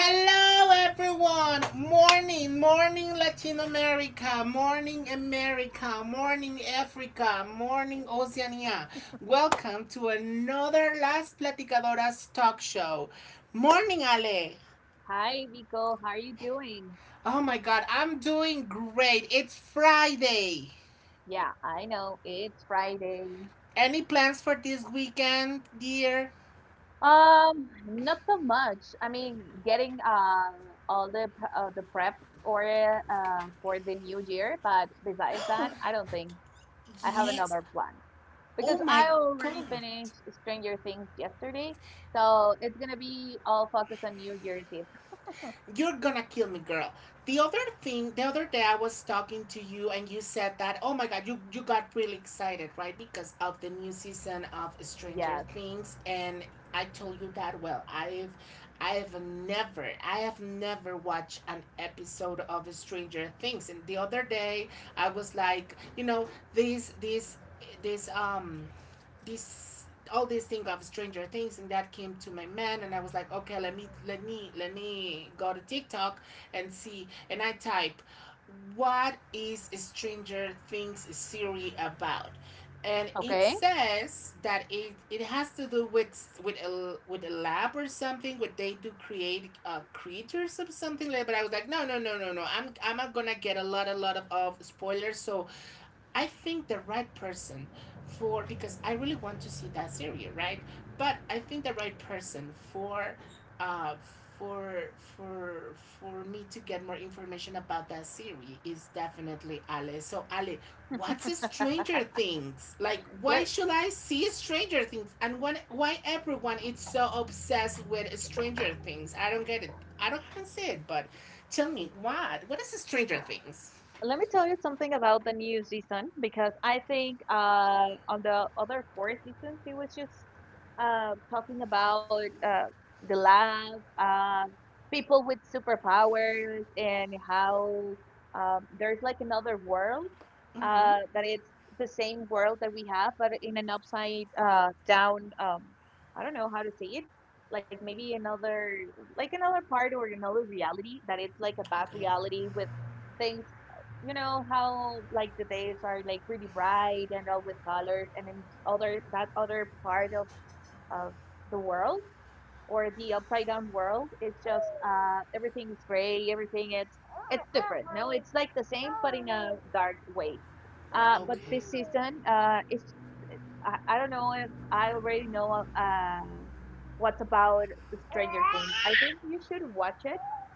everyone. Morning, morning, Latin America. Morning, America. Morning, Africa. Morning, Oceania. Welcome to another Las Platicadoras talk show. Morning, Ale. Hi, Vico. How are you doing? Oh my God, I'm doing great. It's Friday. Yeah, I know it's Friday. Any plans for this weekend, dear? Not so much. I mean, getting all the the preps or for the new year, but besides that, I don't think I have Yes. another plan. Oh Because my I already God. finished Stranger Things yesterday, so it's gonna be all focused on New Year's Eve. You're gonna kill me, girl. The other thing, the other day I was talking to you and you said that, oh my god, you got really excited, right? Because of the new season of Stranger Yes. Things. And I told you that, well, I have never watched an episode of Stranger Things. And the other day I was like, you know, this this this this all these things of Stranger Things, and that came to my mind, and I was like, okay, let me go to TikTok and see. And I type, what is Stranger Things series about? And it Okay. says that it has to do with with a lab or something where they do create creatures or something like that. But I was like, no, I'm not gonna get a lot of spoilers. So I think the right person for, because I really want to see that series, right? But I think the right person uh for me to get more information about that series is definitely Ale. So Ale, what's Stranger Things? Like, Let why should I see Stranger Things? And when, why everyone is so obsessed with Stranger Things? I don't get it. I don't can say it, but tell me, what is Stranger Things? Let me tell you something about the new season because I think on the other 4 seasons he was just talking about the lab, people with superpowers, and how there's like another world Mm-hmm. That it's the same world that we have, but in an upside down. I don't know how to say it. Like maybe another, like another part or another reality that it's like a bad Okay. reality with things. You know how like the days are like really bright and all with colors, and in other that other part of the world or the upside down world, it's just everything is gray, everything it's different. No, it's like the same but in a dark way. But Okay. this season, it's I don't know if I already know what's about Stranger Things. I think you should watch it,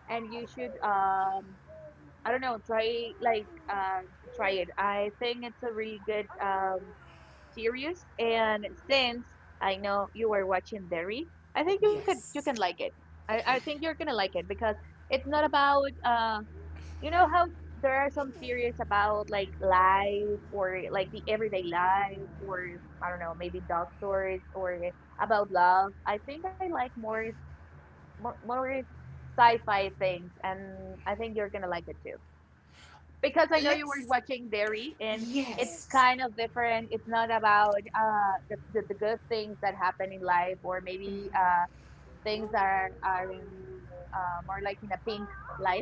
and you should I don't know. Try like try it. I think it's a really good series, and since I know you were watching Derry, I think you can Yes. like it. I think you're gonna like it because it's not about you know how there are some series about like life or like the everyday life or I don't know, maybe doctors or about love. I think I like more sci-fi things, and I think you're gonna like it too because I know you were Let's. watching Derry, and it's Yes. kind of different. It's not about the good things that happen in life or maybe things are in, more like in a pink life.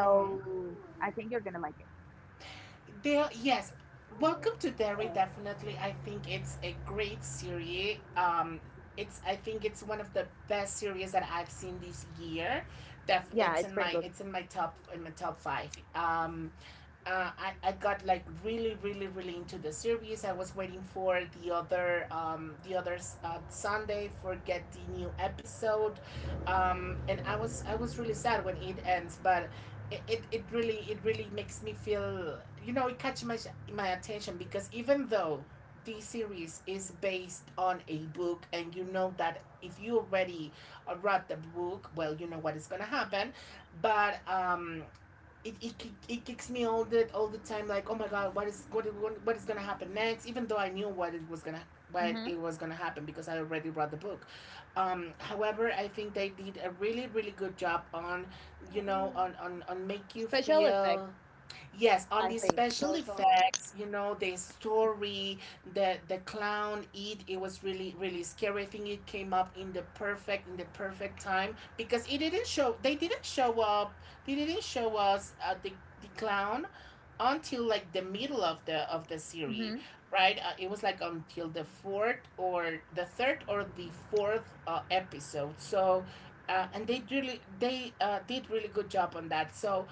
Mm-hmm. I think you're going to like it. There, yes, welcome to Derry. Definitely, I think it's a great series. It's, I think it's one of the best series that I've seen this year. Def, Yeah, it's it's in pretty good. my, it's in my top five. I got like really really really into the series. I was waiting for the other Sunday for get the new episode. And I was really sad when it ends. But it really makes me feel, you know, it catches my attention. Because even though this series is based on a book, and you know that if you already read the book, well, you know what is going to happen. But it kicks me all the time like, oh my god, what is what is gonna happen next, even though I knew what it was gonna what Hmm. it was gonna happen because I already read the book. However, I think they did a really really good job on, you know, on on make you Special effects, feel. Yes, on I the think, special also. effects, you know, the story, the clown, eat, it was really, really scary. I think it came up in the perfect time because it didn't show, they didn't show us the clown until like the middle of the series, Hmm. right? It was like until the fourth or the third or the fourth episode. So and they really they did really good job on that. So,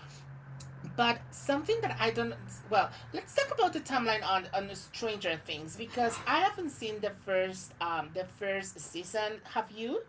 but something that I don't, well, let's talk about the timeline on Stranger Things because I haven't seen the first, the first season. Have you?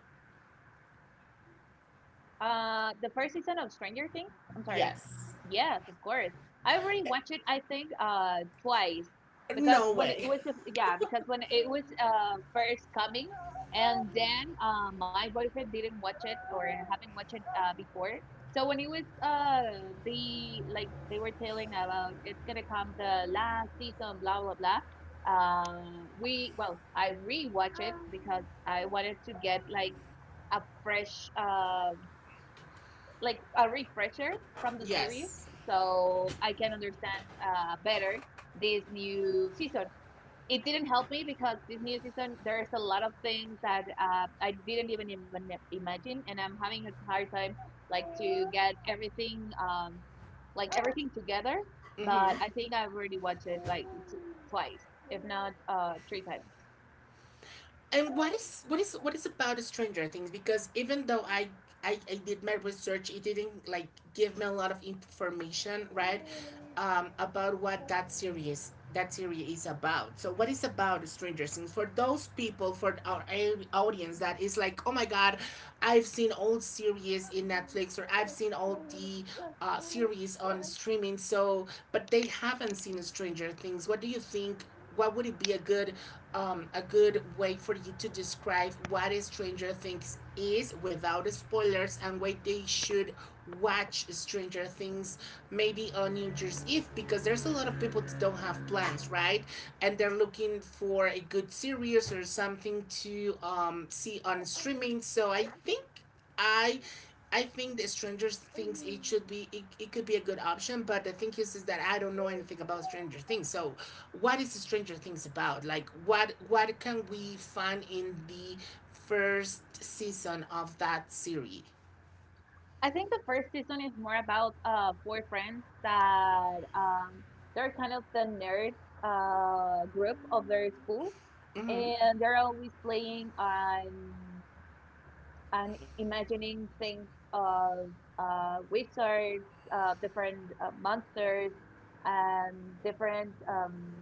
The first season of Stranger Things. I'm sorry. Yes. Yes, of course. I already watched it. I think twice because No when it way. was first coming, and then my boyfriend didn't watch it or haven't watched it before. So when it was the like they were telling about it's gonna come the last season blah blah blah. We well I rewatched it because I wanted to get like a fresh like a refresher from the series Yes. so I can understand better this new season. It didn't help me because this new season there's a lot of things that I didn't even imagine, and I'm having a hard time like to get everything like everything together. Mhm. But I think I've already watched it like t- twice, if not three times. And what is what is about Stranger Things? Because even though I did my research, it didn't like give me a lot of information, right? About what that series is about. So what is about Stranger Things for those people, for our audience that is like, oh my god, I've seen old series in Netflix, or I've seen all the series on streaming. So, but they haven't seen Stranger Things. What do you think, what would it be a good way for you to describe what Stranger Things is without spoilers, and why they should watch Stranger Things maybe on New Year's Eve, because there's a lot of people that don't have plans, right? And they're looking for a good series or something to see on streaming. So I think I I think the Stranger Things, it should be, it could be a good option. But the thing is that I don't know anything about Stranger Things. So what is Stranger Things about? Like, what can we find in the first season of that series? I think the first season is more about 4 friends that they're kind of the nerd group of their school, Hmm. and they're always playing on imagining things of wizards, different monsters, and different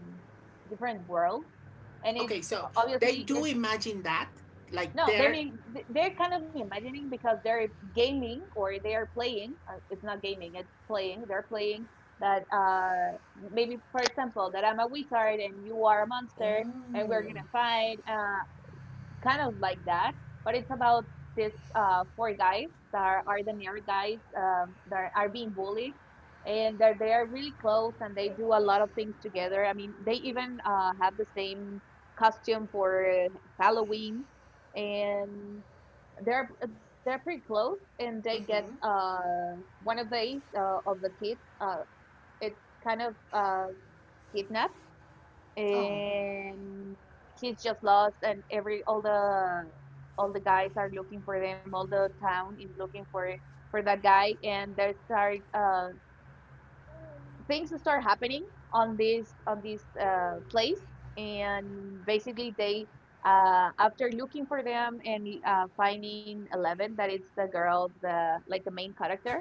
different worlds. And it's Okay, so they obviously do it's imagine that, like no, they they're. mean they're kind of imagining because they're gaming or they are playing. It's not gaming, it's playing. They're playing that maybe, for example, that I'm a wizard and you are a monster, and Oh. we're gonna fight. Kind of like that, but it's about this 4 guys that are ordinary guys, that are being bullied, and they are really close and they do a lot of things together. I mean, they even have the same costume for Halloween, and they're pretty close. And they get Mm-hmm. One of these of the kids. It's kind of kidnapped, Oh. and he's just lost, and every all the guys are looking for them, all the town is looking for that guy, and they start things start happening on this place. And basically they after looking for them and finding 11 that it's the girl the like the main character,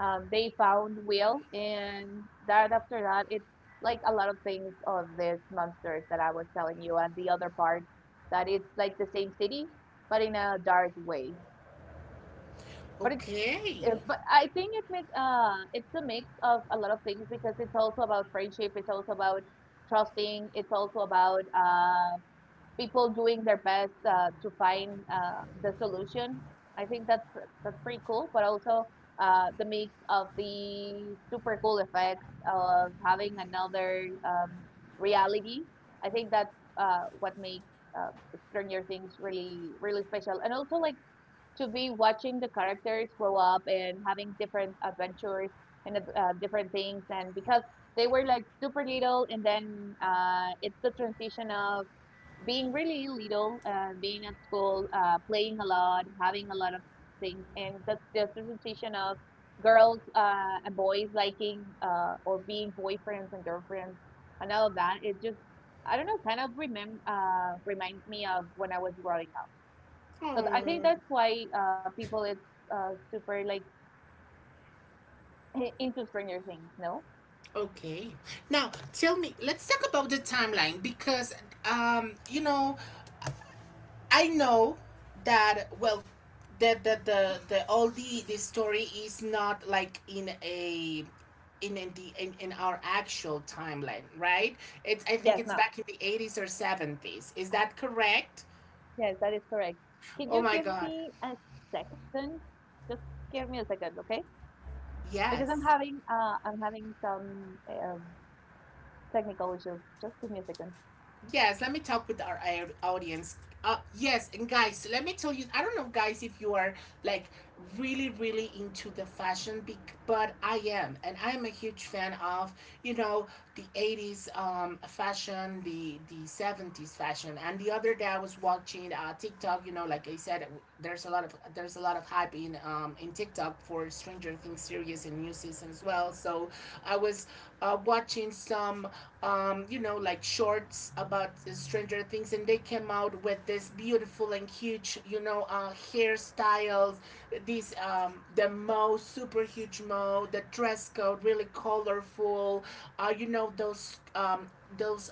they found Will, and that after that it's like a lot of things of these monsters that I was telling you, and the other part that it's like the same city but in a dark way. But it's Okay. but I think it makes it's a mix of a lot of things because it's also about friendship, it's also about trusting, it's also about people doing their best to find the solution. I think that's pretty cool, but also the mix of the super cool effects of having another reality. I think that's what makes uh, Stranger Things really really special, and also like to be watching the characters grow up and having different adventures and different things, and because they were like super little, and then it's the transition of being really little, being at school, playing a lot, having a lot of things, and that's the representation of girls and boys liking or being boyfriends and girlfriends and all of that. It just I don't know, kind of remem reminds me of when I was growing up. So I think Oh. that's why people is super like into Stranger Things. No? Okay. Now, tell me, let's talk about the timeline because, you know, I know that, well, that the all the story is not like in a, in our actual timeline, right? It's, I think Yes, it's no. back in the 80s or 70s. Is that correct? Yes, that is correct. Could Oh you my give god. me a second? Just give me a second, okay? Because Yes. I'm having some um, technical issues. Just give me a second. Yes, let me talk with our audience. Uh, yes, and guys, let me tell you, I don't know, guys, if you are like really really into the fashion, but I am, and I am a huge fan of, you know, the 80s fashion, the 70s fashion. And the other day I was watching TikTok, you know, like I said, there's a lot of there's a lot of hype in TikTok for Stranger Things series and new season as well. So I was watching some you know, like shorts about Stranger Things, and they came out with this beautiful and huge, you know, hairstyles, these the mo, super huge mo, the dress code, really colorful, you know, those those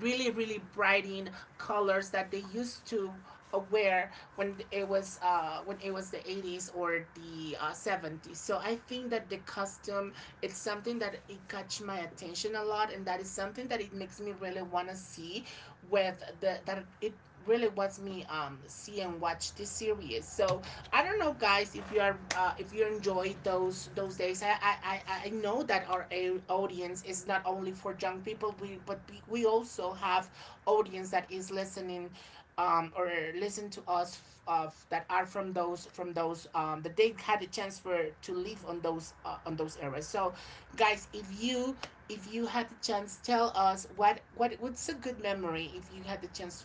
really really brighting colors that they used to wear when it was, the 80s or the 70s. So I think that the costume, it's something that it catch my attention a lot, and that is something that it makes me really want to see, with the that it really was me, see and watch this series. So I don't know, guys, if you are if you enjoyed those days. I know that our audience is not only for young people. We also have audience that is listening, or listen to us, of that are from those, that they had a chance for to live on those eras. So guys, if you, if you had the chance, tell us what, what's a good memory if you had the chance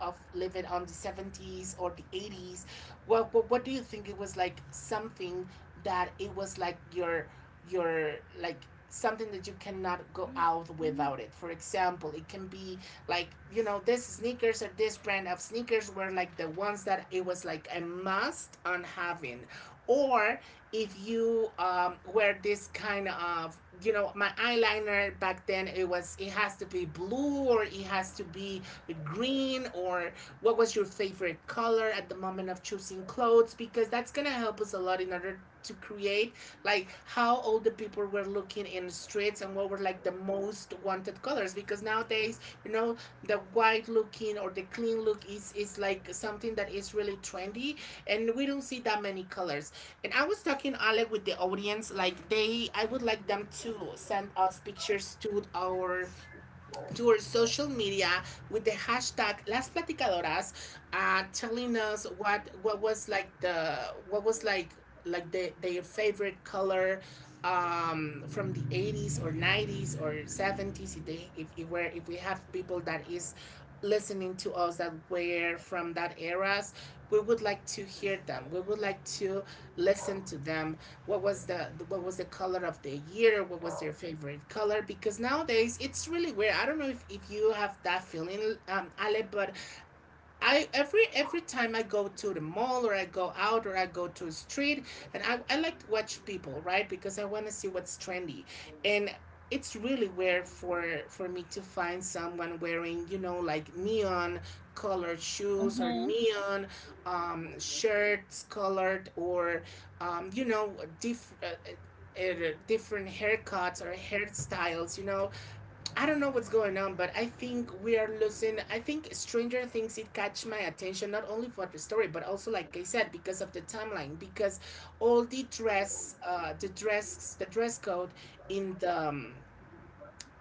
of living on the 70s or the 80s. What, what do you think it was like? Something that it was like your your like something that you cannot go out without it. For example, it can be like, you know, this sneakers or this brand of sneakers were like the ones that it was like a must on having. Or if you wear this kind of, you know, my eyeliner back then, it was, it has to be blue or it has to be green, or what was your favorite color at the moment of choosing clothes? Because that's gonna help us a lot in order to create like how all the people were looking in the streets and what were like the most wanted colors. Because nowadays, you know, the white looking or the clean look is like something that is really trendy, and we don't see that many colors. And I was talking, Alec, with the audience, like they, I would like them to send us pictures to our, to social media with the hashtag Las Platicadoras, telling us what was like the, what was like the, their favorite color, from the 80s or 90s or 70s. If they, if, we're, if we have people that is listening to us that were from that eras, we would like to hear them, we would like to listen to them. What was the, what was the color of the year, what was their favorite color? Because nowadays it's really weird. I don't know if you have that feeling, um, Ale, but I, every time I go to the mall or I go out or I go to a street, and I like to watch people, right? Because I want to see what's trendy. And it's really rare for me to find someone wearing, you know, like neon colored shoes, or Mm-hmm. neon shirts colored, or you know, different haircuts or hairstyles, you know. I don't know what's going on, but I think we are losing. I think Stranger Things it catch my attention not only for the story but also like I said because of the timeline because all the dress, the dress code in the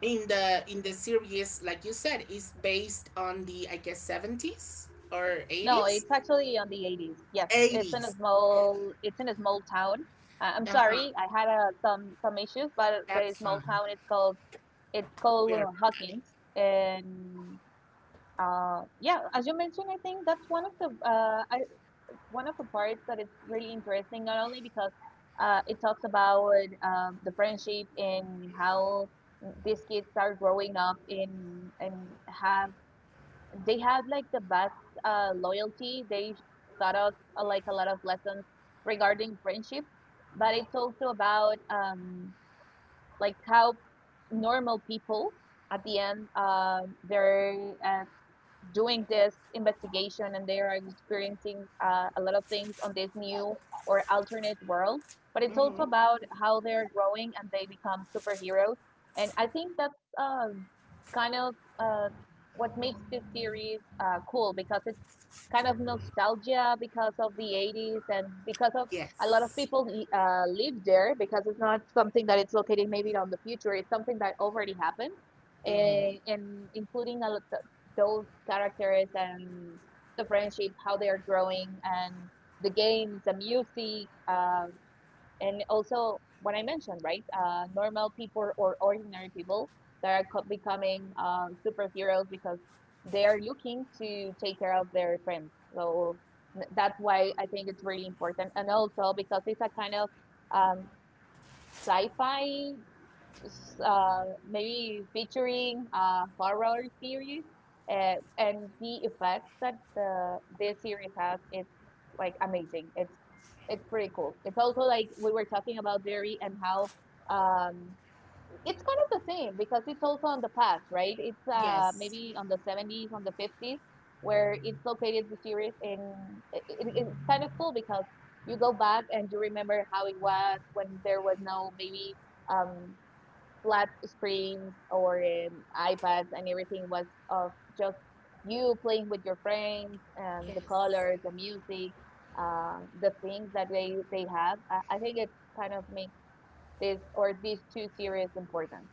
in the in the series like you said is based on the I guess seventies or No, eighties, it's actually on the 80s. Yes, it's in a eighties. Small town. I'm Uh huh. sorry, I had some issues, but the That's small fine. town it's We called are. Hawkins. And yeah, as you mentioned, I think that's one of the I one of the parts that is really interesting, not only because it talks about the friendship and how these kids are growing up in and have they have like the best loyalty. They taught us like a lot of lessons regarding friendship, but it's also about like how normal people at the end their uh, doing this investigation and they are experiencing a lot of things on this new or alternate world, but it's also Mm-hmm. about how they're growing and they become superheroes. And I think that's um, kind of uh, what makes this series cool because it kind of nostalgia because of the 80s and because of a lot of Yes. people live there because it's not something that it's located maybe on the future. It's something that already happened, Mm-hmm. And including a lot those characters and the friendship, how they are growing, and the games, the music. And also what I mentioned, right? Normal people or ordinary people that are becoming superheroes because they are looking to take care of their friends. So that's why I think it's really important, and also because it's a kind of um, sci-fi maybe featuring horror series, and the effects that the this series has is like amazing. It's pretty cool. It's also like we were talking about Derry and how um, it's kind of the same because it's also on the past, right? It's Yes. maybe on the 70s, on the 50s, where it's located the series in. It's kind of cool because you go back and you remember how it was when there was no maybe um, flat screens or iPads, and everything was of just you playing with your friends, and the Yes. colors, the music, the things that they have. I think it kind of makes this or these 2 series important.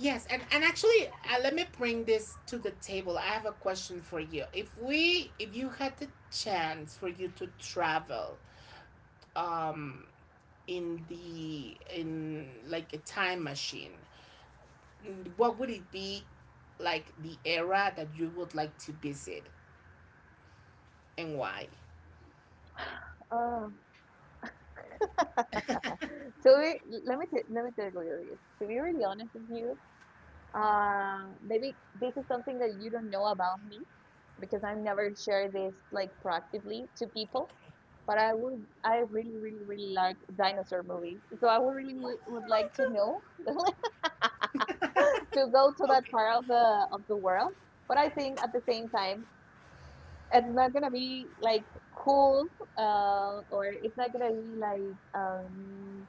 Yes, and actually, let me bring this to the table. I have a question for you. If you had the chance for you to travel in the in like a time machine, what would it be, like the era that you would like to visit, and why? Uh, to be, let me tell you, to be really honest with you, maybe this is something that you don't know about me because I've never shared this like proactively to people. Okay. But I would, I really, really, really like dinosaur movies. So I would really Oh would my like to god. know to go to that Okay. part of the world. But I think at the same time, it's not gonna be like cool, or it's not gonna be like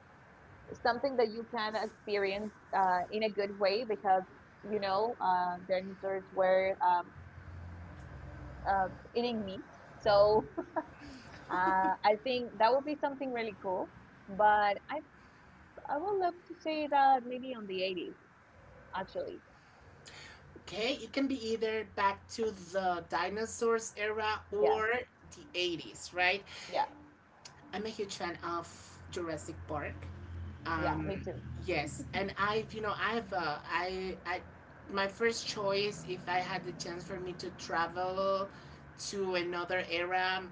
something that you can experience in a good way because you know dinosaurs were uh, eating meat. So I think that would be something really cool. But I would love to say that maybe on the 80s actually. Okay, it can be either back to the dinosaurs era Yeah, or the 80s, right? yeah, I'm a huge fan of Jurassic Park. yeah. Me too. Yes, and I've you know I've I my first choice if I had the chance for me to travel to another era,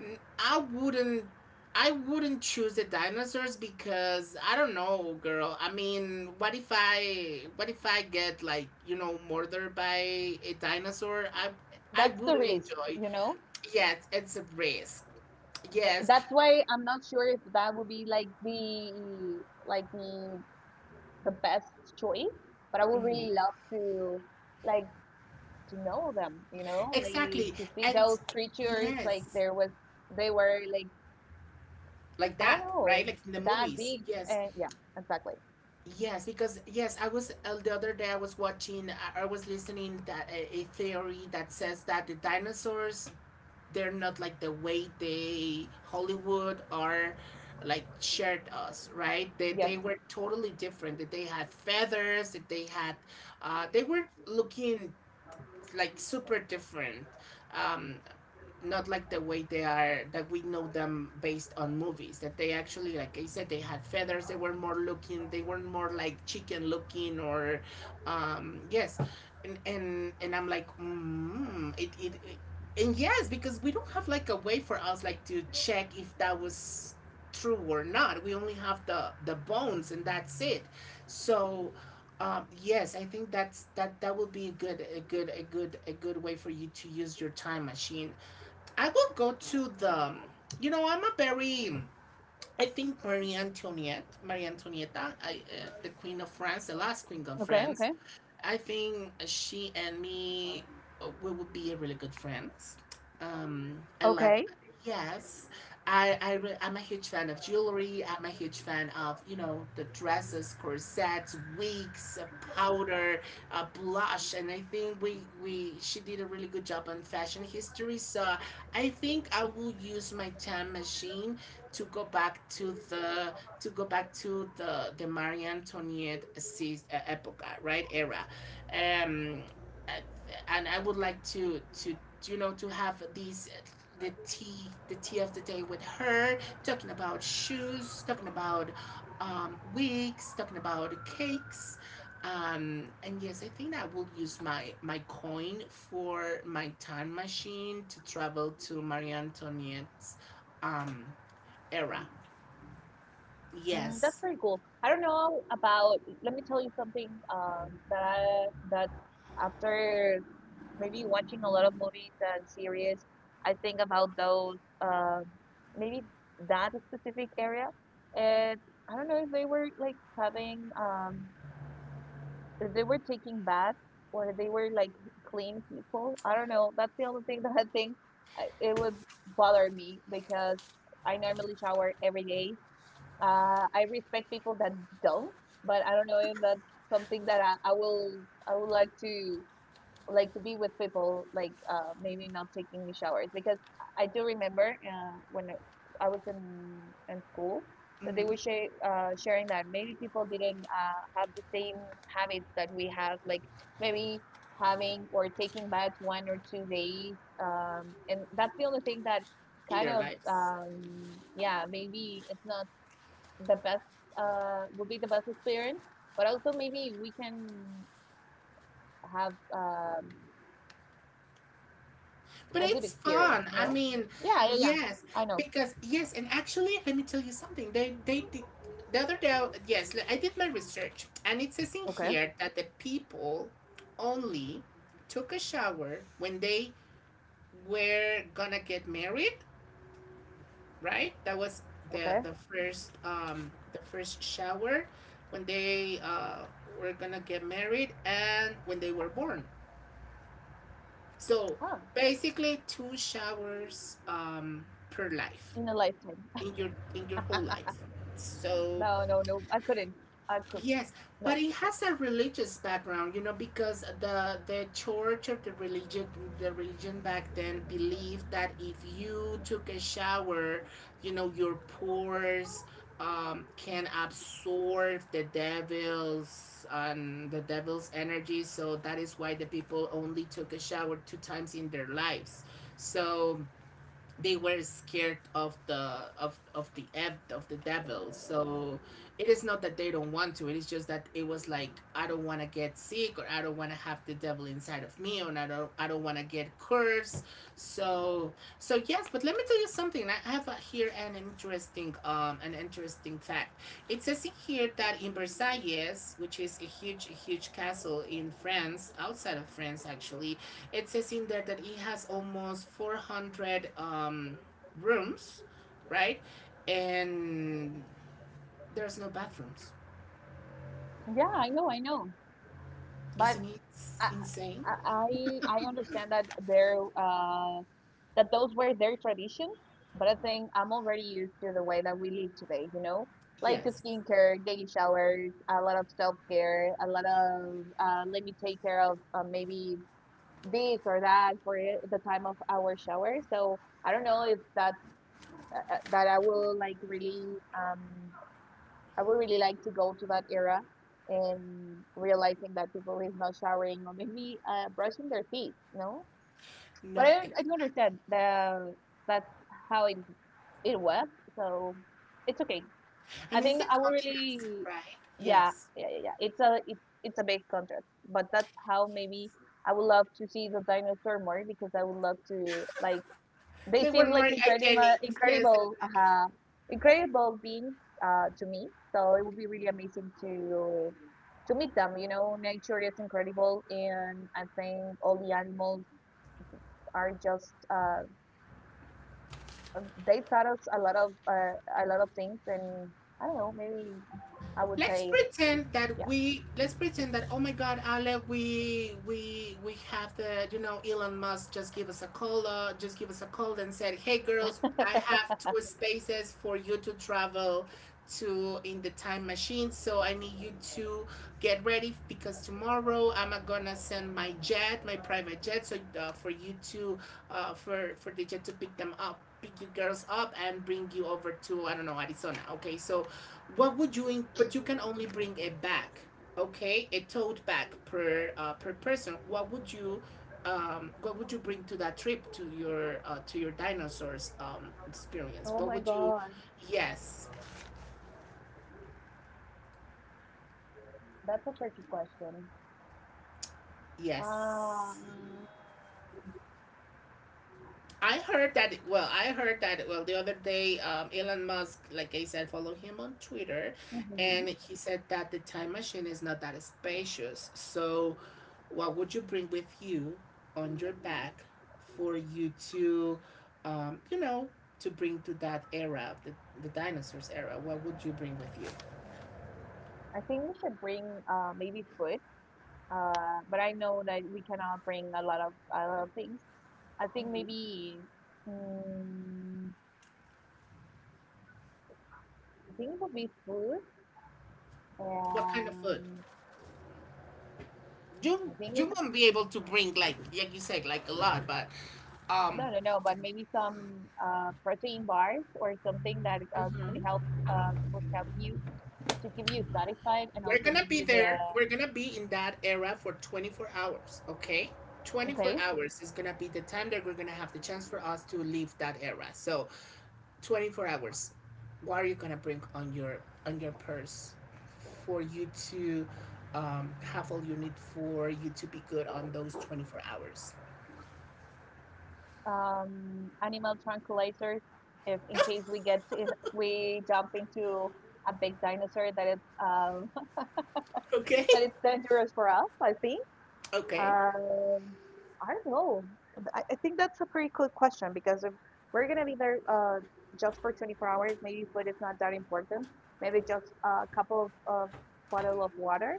n- I wouldn't I wouldn't choose the dinosaurs because I don't know, girl. I mean, what if I get like you know murdered by a dinosaur? I That's the wouldn't risk, enjoy. you know. Yes, it's a risk. Th- Yes, That's why I'm not sure if that would be like the best choice. But I would mhm, really love to like to know them, you know, like exactly, to see and those creatures. Like yes. there was, they were like, Like i don't that, right? know Like in the that movies. big. Yes, And yeah, exactly, yes, because yes, I was the other day I was listening that a theory that says that the dinosaurs, they're not like the way they Hollywood are, like shared us, right? they, yes. they were totally different, that they had feathers, that they had they were looking like super different. Um, Not like the way they are, that we know them based on movies, that they actually like I said they had feathers, they were more looking, they were more like chicken looking or yes. And I'm like mm, it and yes, because we don't have like a way for us like to check if that was true or not. We only have the bones and that's it. So yes, I think that's that that will be a good way for you to use your time machine. I will go to the. You know, I'm a very. I think Marie Antoinette, I, the Queen of France, the last Queen of Okay, France, okay. I think she and me we would be a really good friends. I like Okay. yes. I'm a huge fan of jewelry. I'm a huge fan of you know the dresses, corsets, wigs, powder, blush, and I think we she did a really good job on fashion history. So I think I will use my time machine to go back to the to go back to the Marie Antoinette epoca, right, era. um, and I would like to you know to have these, the tea, the tea of the day with her, talking about shoes, talking about wigs, talking about cakes. And yes, I think I will use my coin for my time machine to travel to Marie Antoinette's um, era. Mm, that's Yes. pretty cool. I don't know about, let me tell you something, that I, that after maybe watching a lot of movies and series, I think about those, maybe that specific area. And I don't know if they were like having, if they were taking baths or they were like clean people. I don't know. That's the only thing that I think it would bother me because I normally shower every day. I respect people that don't, but I don't know if that's something that I will I would like to to be with people like maybe not taking the showers because I do remember when I was in school that they were sharing that maybe people didn't have the same habits that we have, like maybe having or taking baths one or two days. And that's the only thing that In kind their of lives. um, yeah, maybe it's not the best. Would be the best experience, but also maybe we can have But a good it's experience, fun. I no? mean, Yeah, yeah, yeah. yes, I know. because yes, and actually, let me tell you something. They did the other day. Yes, I did my research, and it says in Okay, here that the people only took a shower when they were gonna get married. Right? That was okay. The first shower when they were gonna get married and when they were born. So Ah, basically, two showers per life, in a lifetime. in your whole life. So No, no, no. I couldn't. I could. yes, No. but it has a religious background, you know, because the church or the religion back then believed that if you took a shower, you know, your pores can absorb the devil's energy. So that is why the people only took a shower two times in their lives. So they were scared of the of the devil. So it is not that they don't want to, it is just that it was like I don't want to get sick, or I don't want to have the devil inside of me, or I don't want to get cursed. So, so yes, but let me tell you something. I have here an interesting fact. It says in here that in Versailles, which is a huge huge castle in France, outside of France actually, it says in there that it has almost 400 rooms, right? And there's no bathrooms. Yeah, I know, I know. But Isn't it I, insane? I understand that that those were their traditions. But I think I'm already used to the way that we live today. You know, like Yes. skincare, daily showers, a lot of self care, a lot of let me take care of maybe this or that for the time of our shower. So I don't know if that I will like really, I would really like to go to that era and realizing that people is not showering or maybe brushing their teeth, no? No. But I don't understand the that's how it was, so it's okay. I And it's think the I would contracts, really, right? Yes. yeah, Yes. yeah, yeah, yeah. It's a it's a big contrast, but that's how maybe I would love to see the dinosaur more because I would love to they They were seem like more hygienic. Yes, they, incredible, incredible beings to me. So it would be really amazing to meet them. You know, nature is incredible, and I think all the animals are just they taught us a lot of things. And I don't know, maybe I would let's say pretend that yeah. we, let's pretend that oh my god Ale, we we have the you know Elon Musk just give us a call, and said hey girls, I have two spaces for you to travel to in the time machine, so I need you to get ready because tomorrow I'm gonna send my jet, my private jet, so for you to for the jet to pick you girls up and bring you over to I don't know Arizona, okay? So what would you? In- but you can only bring a bag, okay? A tote bag per per person. What would you? What would you bring to that trip to your dinosaurs experience? Oh What my would you? God, Yes, that's a tricky question. yes. Um, I heard that. Well, the other day, Elon Musk, like I said, follow him on Twitter, and mhm. he said that the time machine is not that spacious. So, what would you bring with you on your back for you to, you know, to bring to that era, the dinosaurs era? What would you bring with you? I think we should bring maybe food, but I know that we cannot bring a lot of things. I think Hmm. maybe, mm, I think it would be food. What kind of food? And I think You it's, won't be able to bring like you said, like a lot, but um. no no no, but maybe some protein bars or something that could help, could help you to keep you satisfied and We're also gonna give be you the there. We're gonna be in that era for 24 hours, okay? 24 okay. hours is gonna be the time that we're gonna have the chance for us to leave that era. So, 24 hours. What are you gonna bring on your purse for you to have all you need for you to be good on those 24 hours? Animal tranquilizers, if in case we get to, we jump into a big dinosaur that is Okay. that is dangerous for us, I think. Okay. Um, I don't know. I think that's a pretty good question because if we're gonna be there just for 24 hours, maybe food is not that important. Maybe just a couple of bottle of water.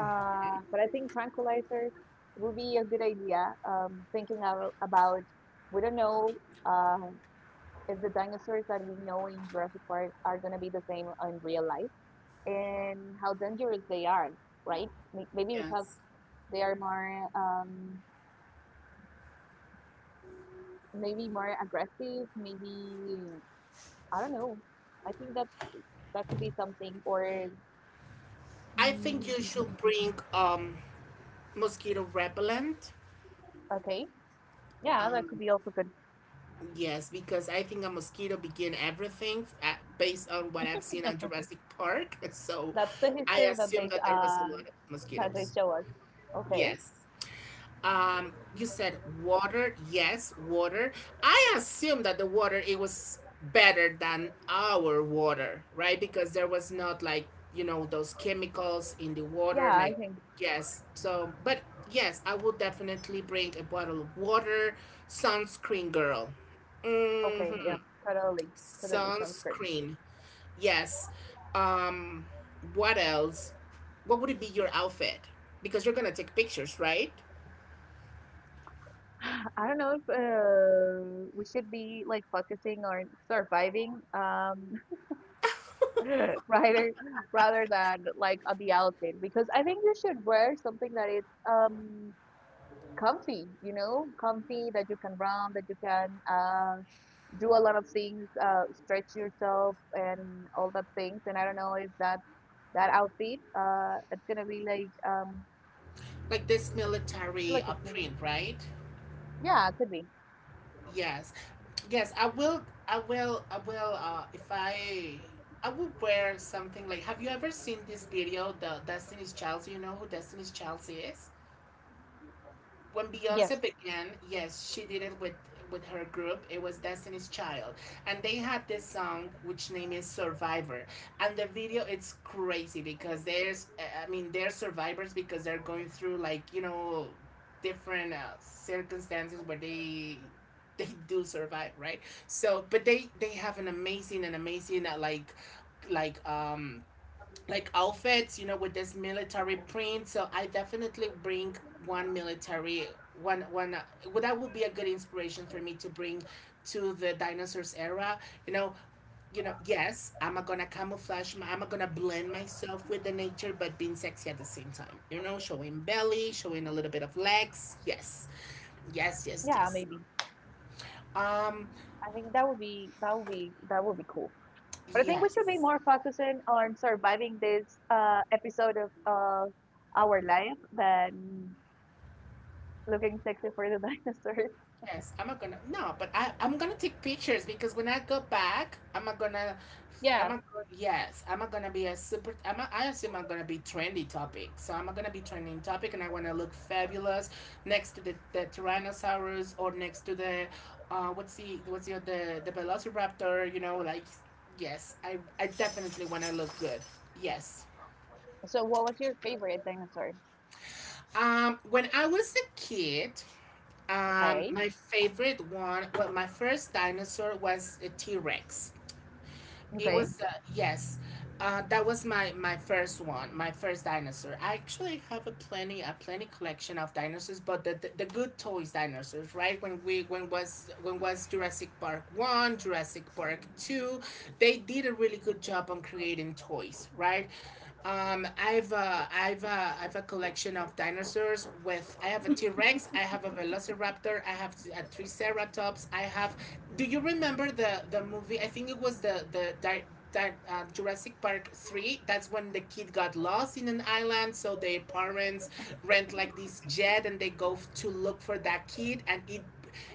But I think tranquilizers would be a good idea. Thinking about we don't know uh, if the dinosaurs that we know in Jurassic Park are gonna be the same in real life, and how dangerous they are, right? Maybe because Yes. they are more maybe more aggressive, maybe I don't know. I think that that could be something or, mm, I think mm, you mm, mm, should mm. bring mosquito repellent. Okay. Yeah, that could be also good. Yes, because I think a mosquito begin everything based on what I've seen on Jurassic Park. So That's the I history that they assume that there was a uh lot of that they mosquitoes. show us. Okay. Yes. You said water. Yes, water. I assume that the water it was better than our water, right? Because there was not like, you know, those chemicals in the water Yeah, I like think yes. So, but yes, I would definitely bring a bottle of water, sunscreen girl. okay, yeah. Mhm. Totally. Totally sounds good. Sunscreen. Yes. Um, what else? What would it be your outfit? Because you're gonna take pictures, right? I don't know if we should be like focusing on surviving, rather rather than like on the outfit, because I think you should wear something that is comfy, you know, comfy that you can run, that you can do a lot of things, stretch yourself and all that things. And I don't know if that outfit it's gonna be Like this military like a, print, right? yeah, it could be. Yes. Yes, I will. I will. If I, I will wear something like. Have you ever seen this video, the Destiny's Child? So you know who Destiny's Child is? When Yes, Beyonce began, yes, she did it with her group. It was Destiny's Child, and they had this song which name is Survivor, and the video it's crazy because there's I mean they're survivors because they're going through like you know different circumstances where they do survive, right? So but they have an amazing like like um like outfits, you know, with this military print. So I definitely bring one military one well, that would be a good inspiration for me to bring to the dinosaurs era. You know, yes, I'm gonna camouflage I'm gonna blend myself with the nature, but being sexy at the same time. You know, showing belly, showing a little bit of legs. Yes, yes, yes, yeah, yes. maybe. Um, I think that would be that would be cool. But I think we should be yes. more focusing on surviving this episode of our life than looking sexy for the dinosaurs. Yes, I'm not gonna no, but I I'm gonna take pictures because when I go back, I'm Yeah. not gonna yes, I'm not gonna be a super I'm not, I assume I'm gonna be trendy topic. So I'm not gonna be trending topic and I wanna look fabulous next to the Tyrannosaurus or next to the what's the the Velociraptor, you know, like yes, I definitely wanna look good. Yes. So, what was your favorite dinosaur? Um, when I was a kid, um, Okay. my favorite one, well, my first dinosaur was a T-Rex. It Okay. was, yes, that was my first one, my first dinosaur. I actually have a plenty collection of dinosaurs, but the good toys dinosaurs, right? When was Jurassic Park one, Jurassic Park two, they did a really good job on creating toys, right? I've a collection of dinosaurs. With I have a T Rex, I have a Velociraptor, I have a Triceratops, I have. Do you remember the movie? I think it was the Jurassic Park three. That's when the kid got lost in an island, so their parents rent like this jet and they go to look for that kid,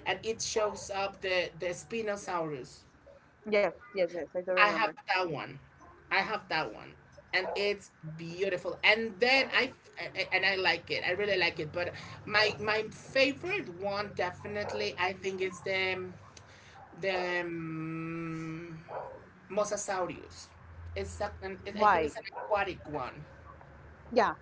and it shows up the Spinosaurus. Yes, yes, yes. I do I remember. have that one. I have that one. And it's beautiful. And then I and I like it. I really like it. But my favorite one definitely I think is the Mosasaurus. It's a, an, I think Why? it's an aquatic one Yeah,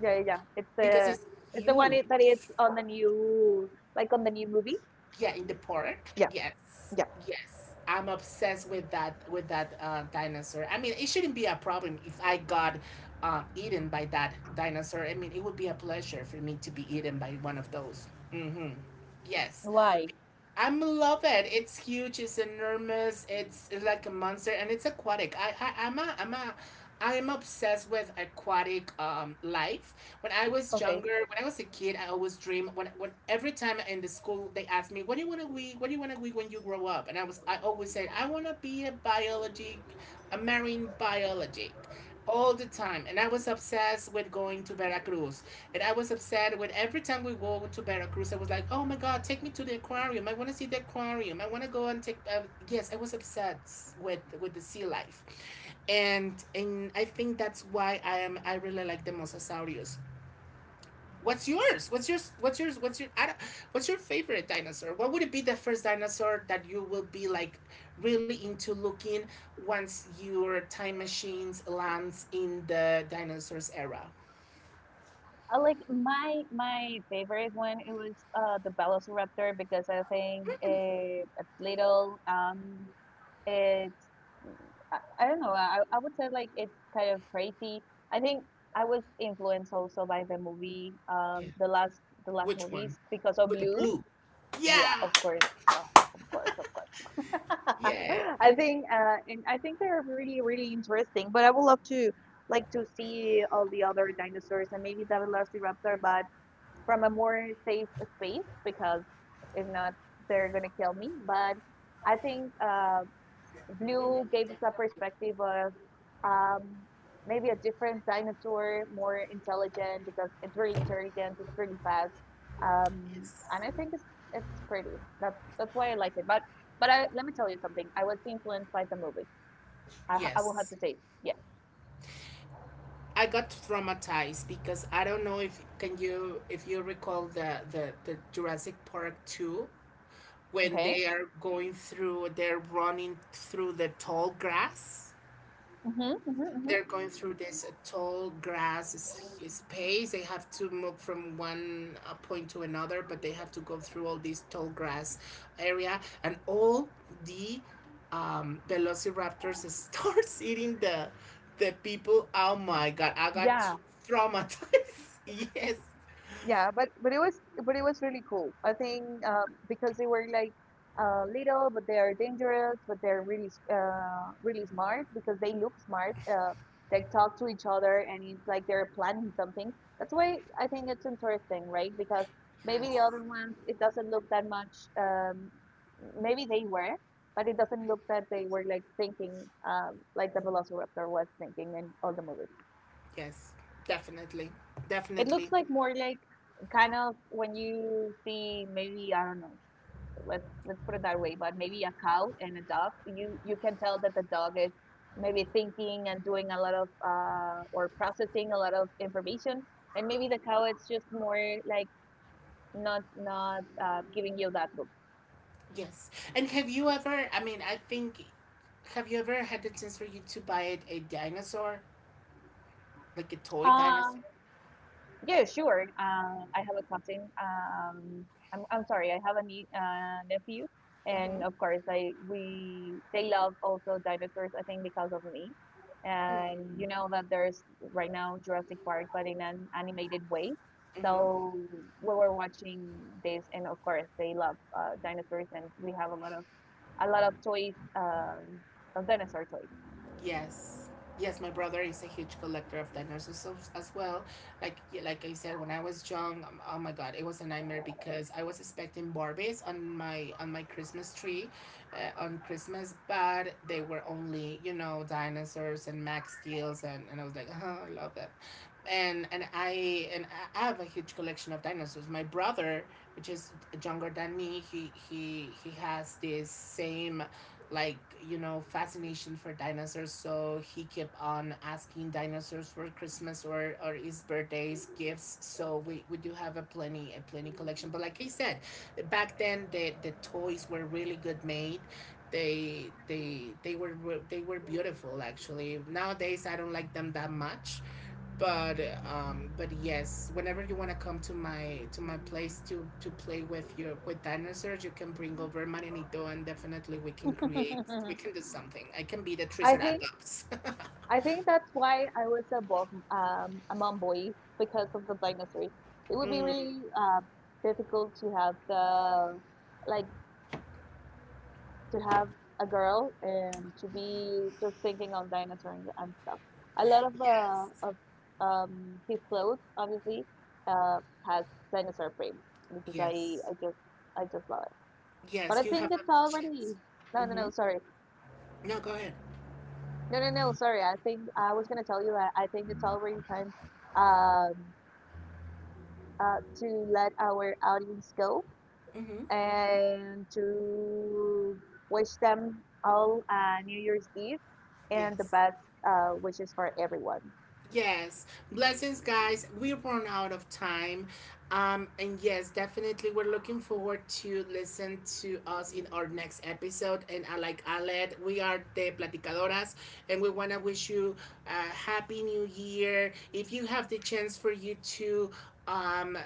yeah, yeah, yeah. It's the, because it's it's the one, huge. it, that it's on the new, like on the new movie. Yeah, in the park. Yeah, Yes. yeah. Yes. I'm obsessed with that dinosaur. I mean, it shouldn't be a problem if I got eaten by that dinosaur. I mean, it would be a pleasure for me to be eaten by one of those. Mm-hmm. Yes. Why? I love it. It's huge. It's enormous. It's like a monster, and it's aquatic. I I'm a I am obsessed with aquatic life. When I was Okay. younger, when I was a kid, I always dream. When every time in the school they asked me, "What do you want to be? What do you want to be when you grow up?" And I always said, "I want to be a biology, a marine biology." All the time, and I was obsessed with going to Veracruz. And I was upset when every time we go to Veracruz, I was like, oh my God, take me to the aquarium. I want to see the aquarium. I want to go and take. Yes, I was upset with the sea life. And I think that's why I am I really like the mosasaurios. What's yours? What's yours? What's yours? What's your I don't- what's your favorite dinosaur? What would it be the first dinosaur that you will be like really into looking once your time machines lands in the dinosaurs era? I like my favorite one. It was the Velociraptor because I think it's little. It's, I don't know. I would say like it's kind of crazy. I think I was influenced also by the movie, Yeah. The last Which one? movies because of With the Blue. blue. Yeah, Yeah. of course. Oh, of course, Yeah. I think and I think they're really, really interesting, but I would love to to see all the other dinosaurs and maybe the Velociraptor, but from a more safe space, because if not, they're gonna kill me. But I think Blue gave us a perspective of, um, maybe a different dinosaur, more intelligent because it's really intelligent, it's really fast, um, and I Yes. think it's pretty. That's why I like it. But I, let me tell you something. I was influenced by the movie. I will have Yes. to say yes. I got traumatized because I don't know if can you if you recall the Jurassic Park 2 when Okay. they are going through they're running through the tall grass Mm-hmm, mm-hmm, they're mm-hmm. going through this tall grass space. They have to move from one point to another, but they have to go through all this tall grass area, and all the velociraptors starts eating the people. Oh my god! I got Yeah. t- traumatized. Yes, Yeah, but it was, but it was really cool, I think, because they were like little, but they are dangerous, but they're really smart because they look smart, they talk to each other, and it's like they're planning something. That's why I think it's interesting, right? Because maybe yes, the other ones, it doesn't look that much, maybe they were, but it doesn't look that they were like thinking, like the Velociraptor was thinking in all the movies. yes, definitely, It looks definitely. like more like kind of when you see, maybe I don't know. Let's put it that way. But maybe a cow and a dog, you can tell that the dog is maybe thinking and doing a lot of or processing a lot of information, and maybe the cow is just more like not giving you that look. Yes. And have you ever? I mean, I think. Have you ever had the chance for you to buy a dinosaur? Like a toy Ah, dinosaur. yeah, sure. I have a cousin. I'm sorry, I have a nie nephew, and Mm-hmm. of course, I we they love also dinosaurs. I think because of me, and you know that there's right now Jurassic Park, but in an animated way. Mm-hmm. So we were watching this, and of course, they love dinosaurs, and we have a lot of toys, of dinosaur toys. Yes. Yes, my brother is a huge collector of dinosaurs as well. Like yeah, like I said, when I was young, oh my God, it was a nightmare because I was expecting Barbies on my Christmas tree, on Christmas, but they were only you know dinosaurs and Max Steels, and I was like, oh, I love them, and I have a huge collection of dinosaurs. My brother, which is younger than me, he has this same like you know fascination for dinosaurs, so he kept on asking dinosaurs for Christmas or his birthdays gifts. So we do have a plenty collection, but like I said, back then the toys were really good made. They they were beautiful. Actually, nowadays I don't like them that much. but but yes, whenever you want to come to my place to play with your with dinosaurs, you can bring over Mananito and definitely we can create we can do something. I can be the I think Triceratops. That's why I was a bo a mom boy because of the dinosaurs. It would be Mm, really difficult to have the like to have a girl and to be just thinking on dinosaurs and stuff. A lot of yes, his clothes obviously, uh, has dinosaur prints because yes, I just, I just love it. But I yes, you think have it's a already, chance. no no no, Mm-hmm. sorry, No, go ahead. no no no, sorry. I think I was gonna tell you that I think it's already time. Um, to let our audience go Mm-hmm. and to wish them all New Year's Eve and the Yes. best wishes for everyone. Yes, blessings, guys. We run out of time. And yes, definitely, we're looking forward to listen to us in our next episode. And I like Aled, we are the Platicadoras, and we want to wish you a happy new year. If you have the chance for you to um,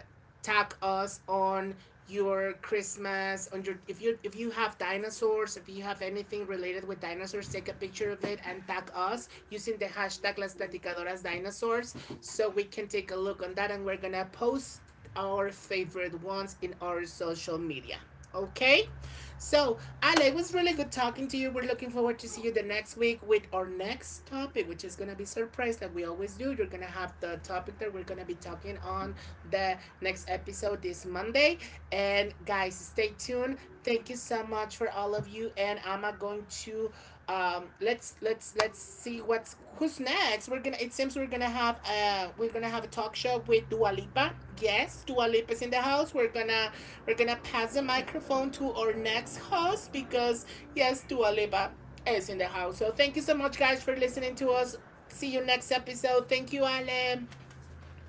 tag us on your Christmas on your if you have dinosaurs, if you have anything related with dinosaurs, take a picture of it and tag us using the hashtag las platicadoras dinosaurs, so we can take a look on that, and we're gonna post our favorite ones in our social media. Okay, so Ale, it was really good talking to you. We're looking forward to see you the next week with our next topic, which is gonna be surprise. Like we always do, you're gonna have the topic that we're gonna be talking on. The next episode is Monday. And guys, stay tuned. Thank you so much for all of you. And I'm going to let's see what's who's next. We're gonna it seems we're gonna have a talk show with Dua Lipa. Yes, Dua Lipa is in the house. We're gonna pass the microphone to our next host because yes, Dua Lipa is in the house. So thank you so much guys for listening to us. See you next episode. Thank you, Alem.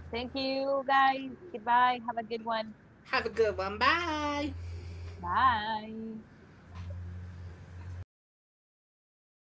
Thank you, guys. Goodbye. Have a good one. Have a good one. Bye. Bye.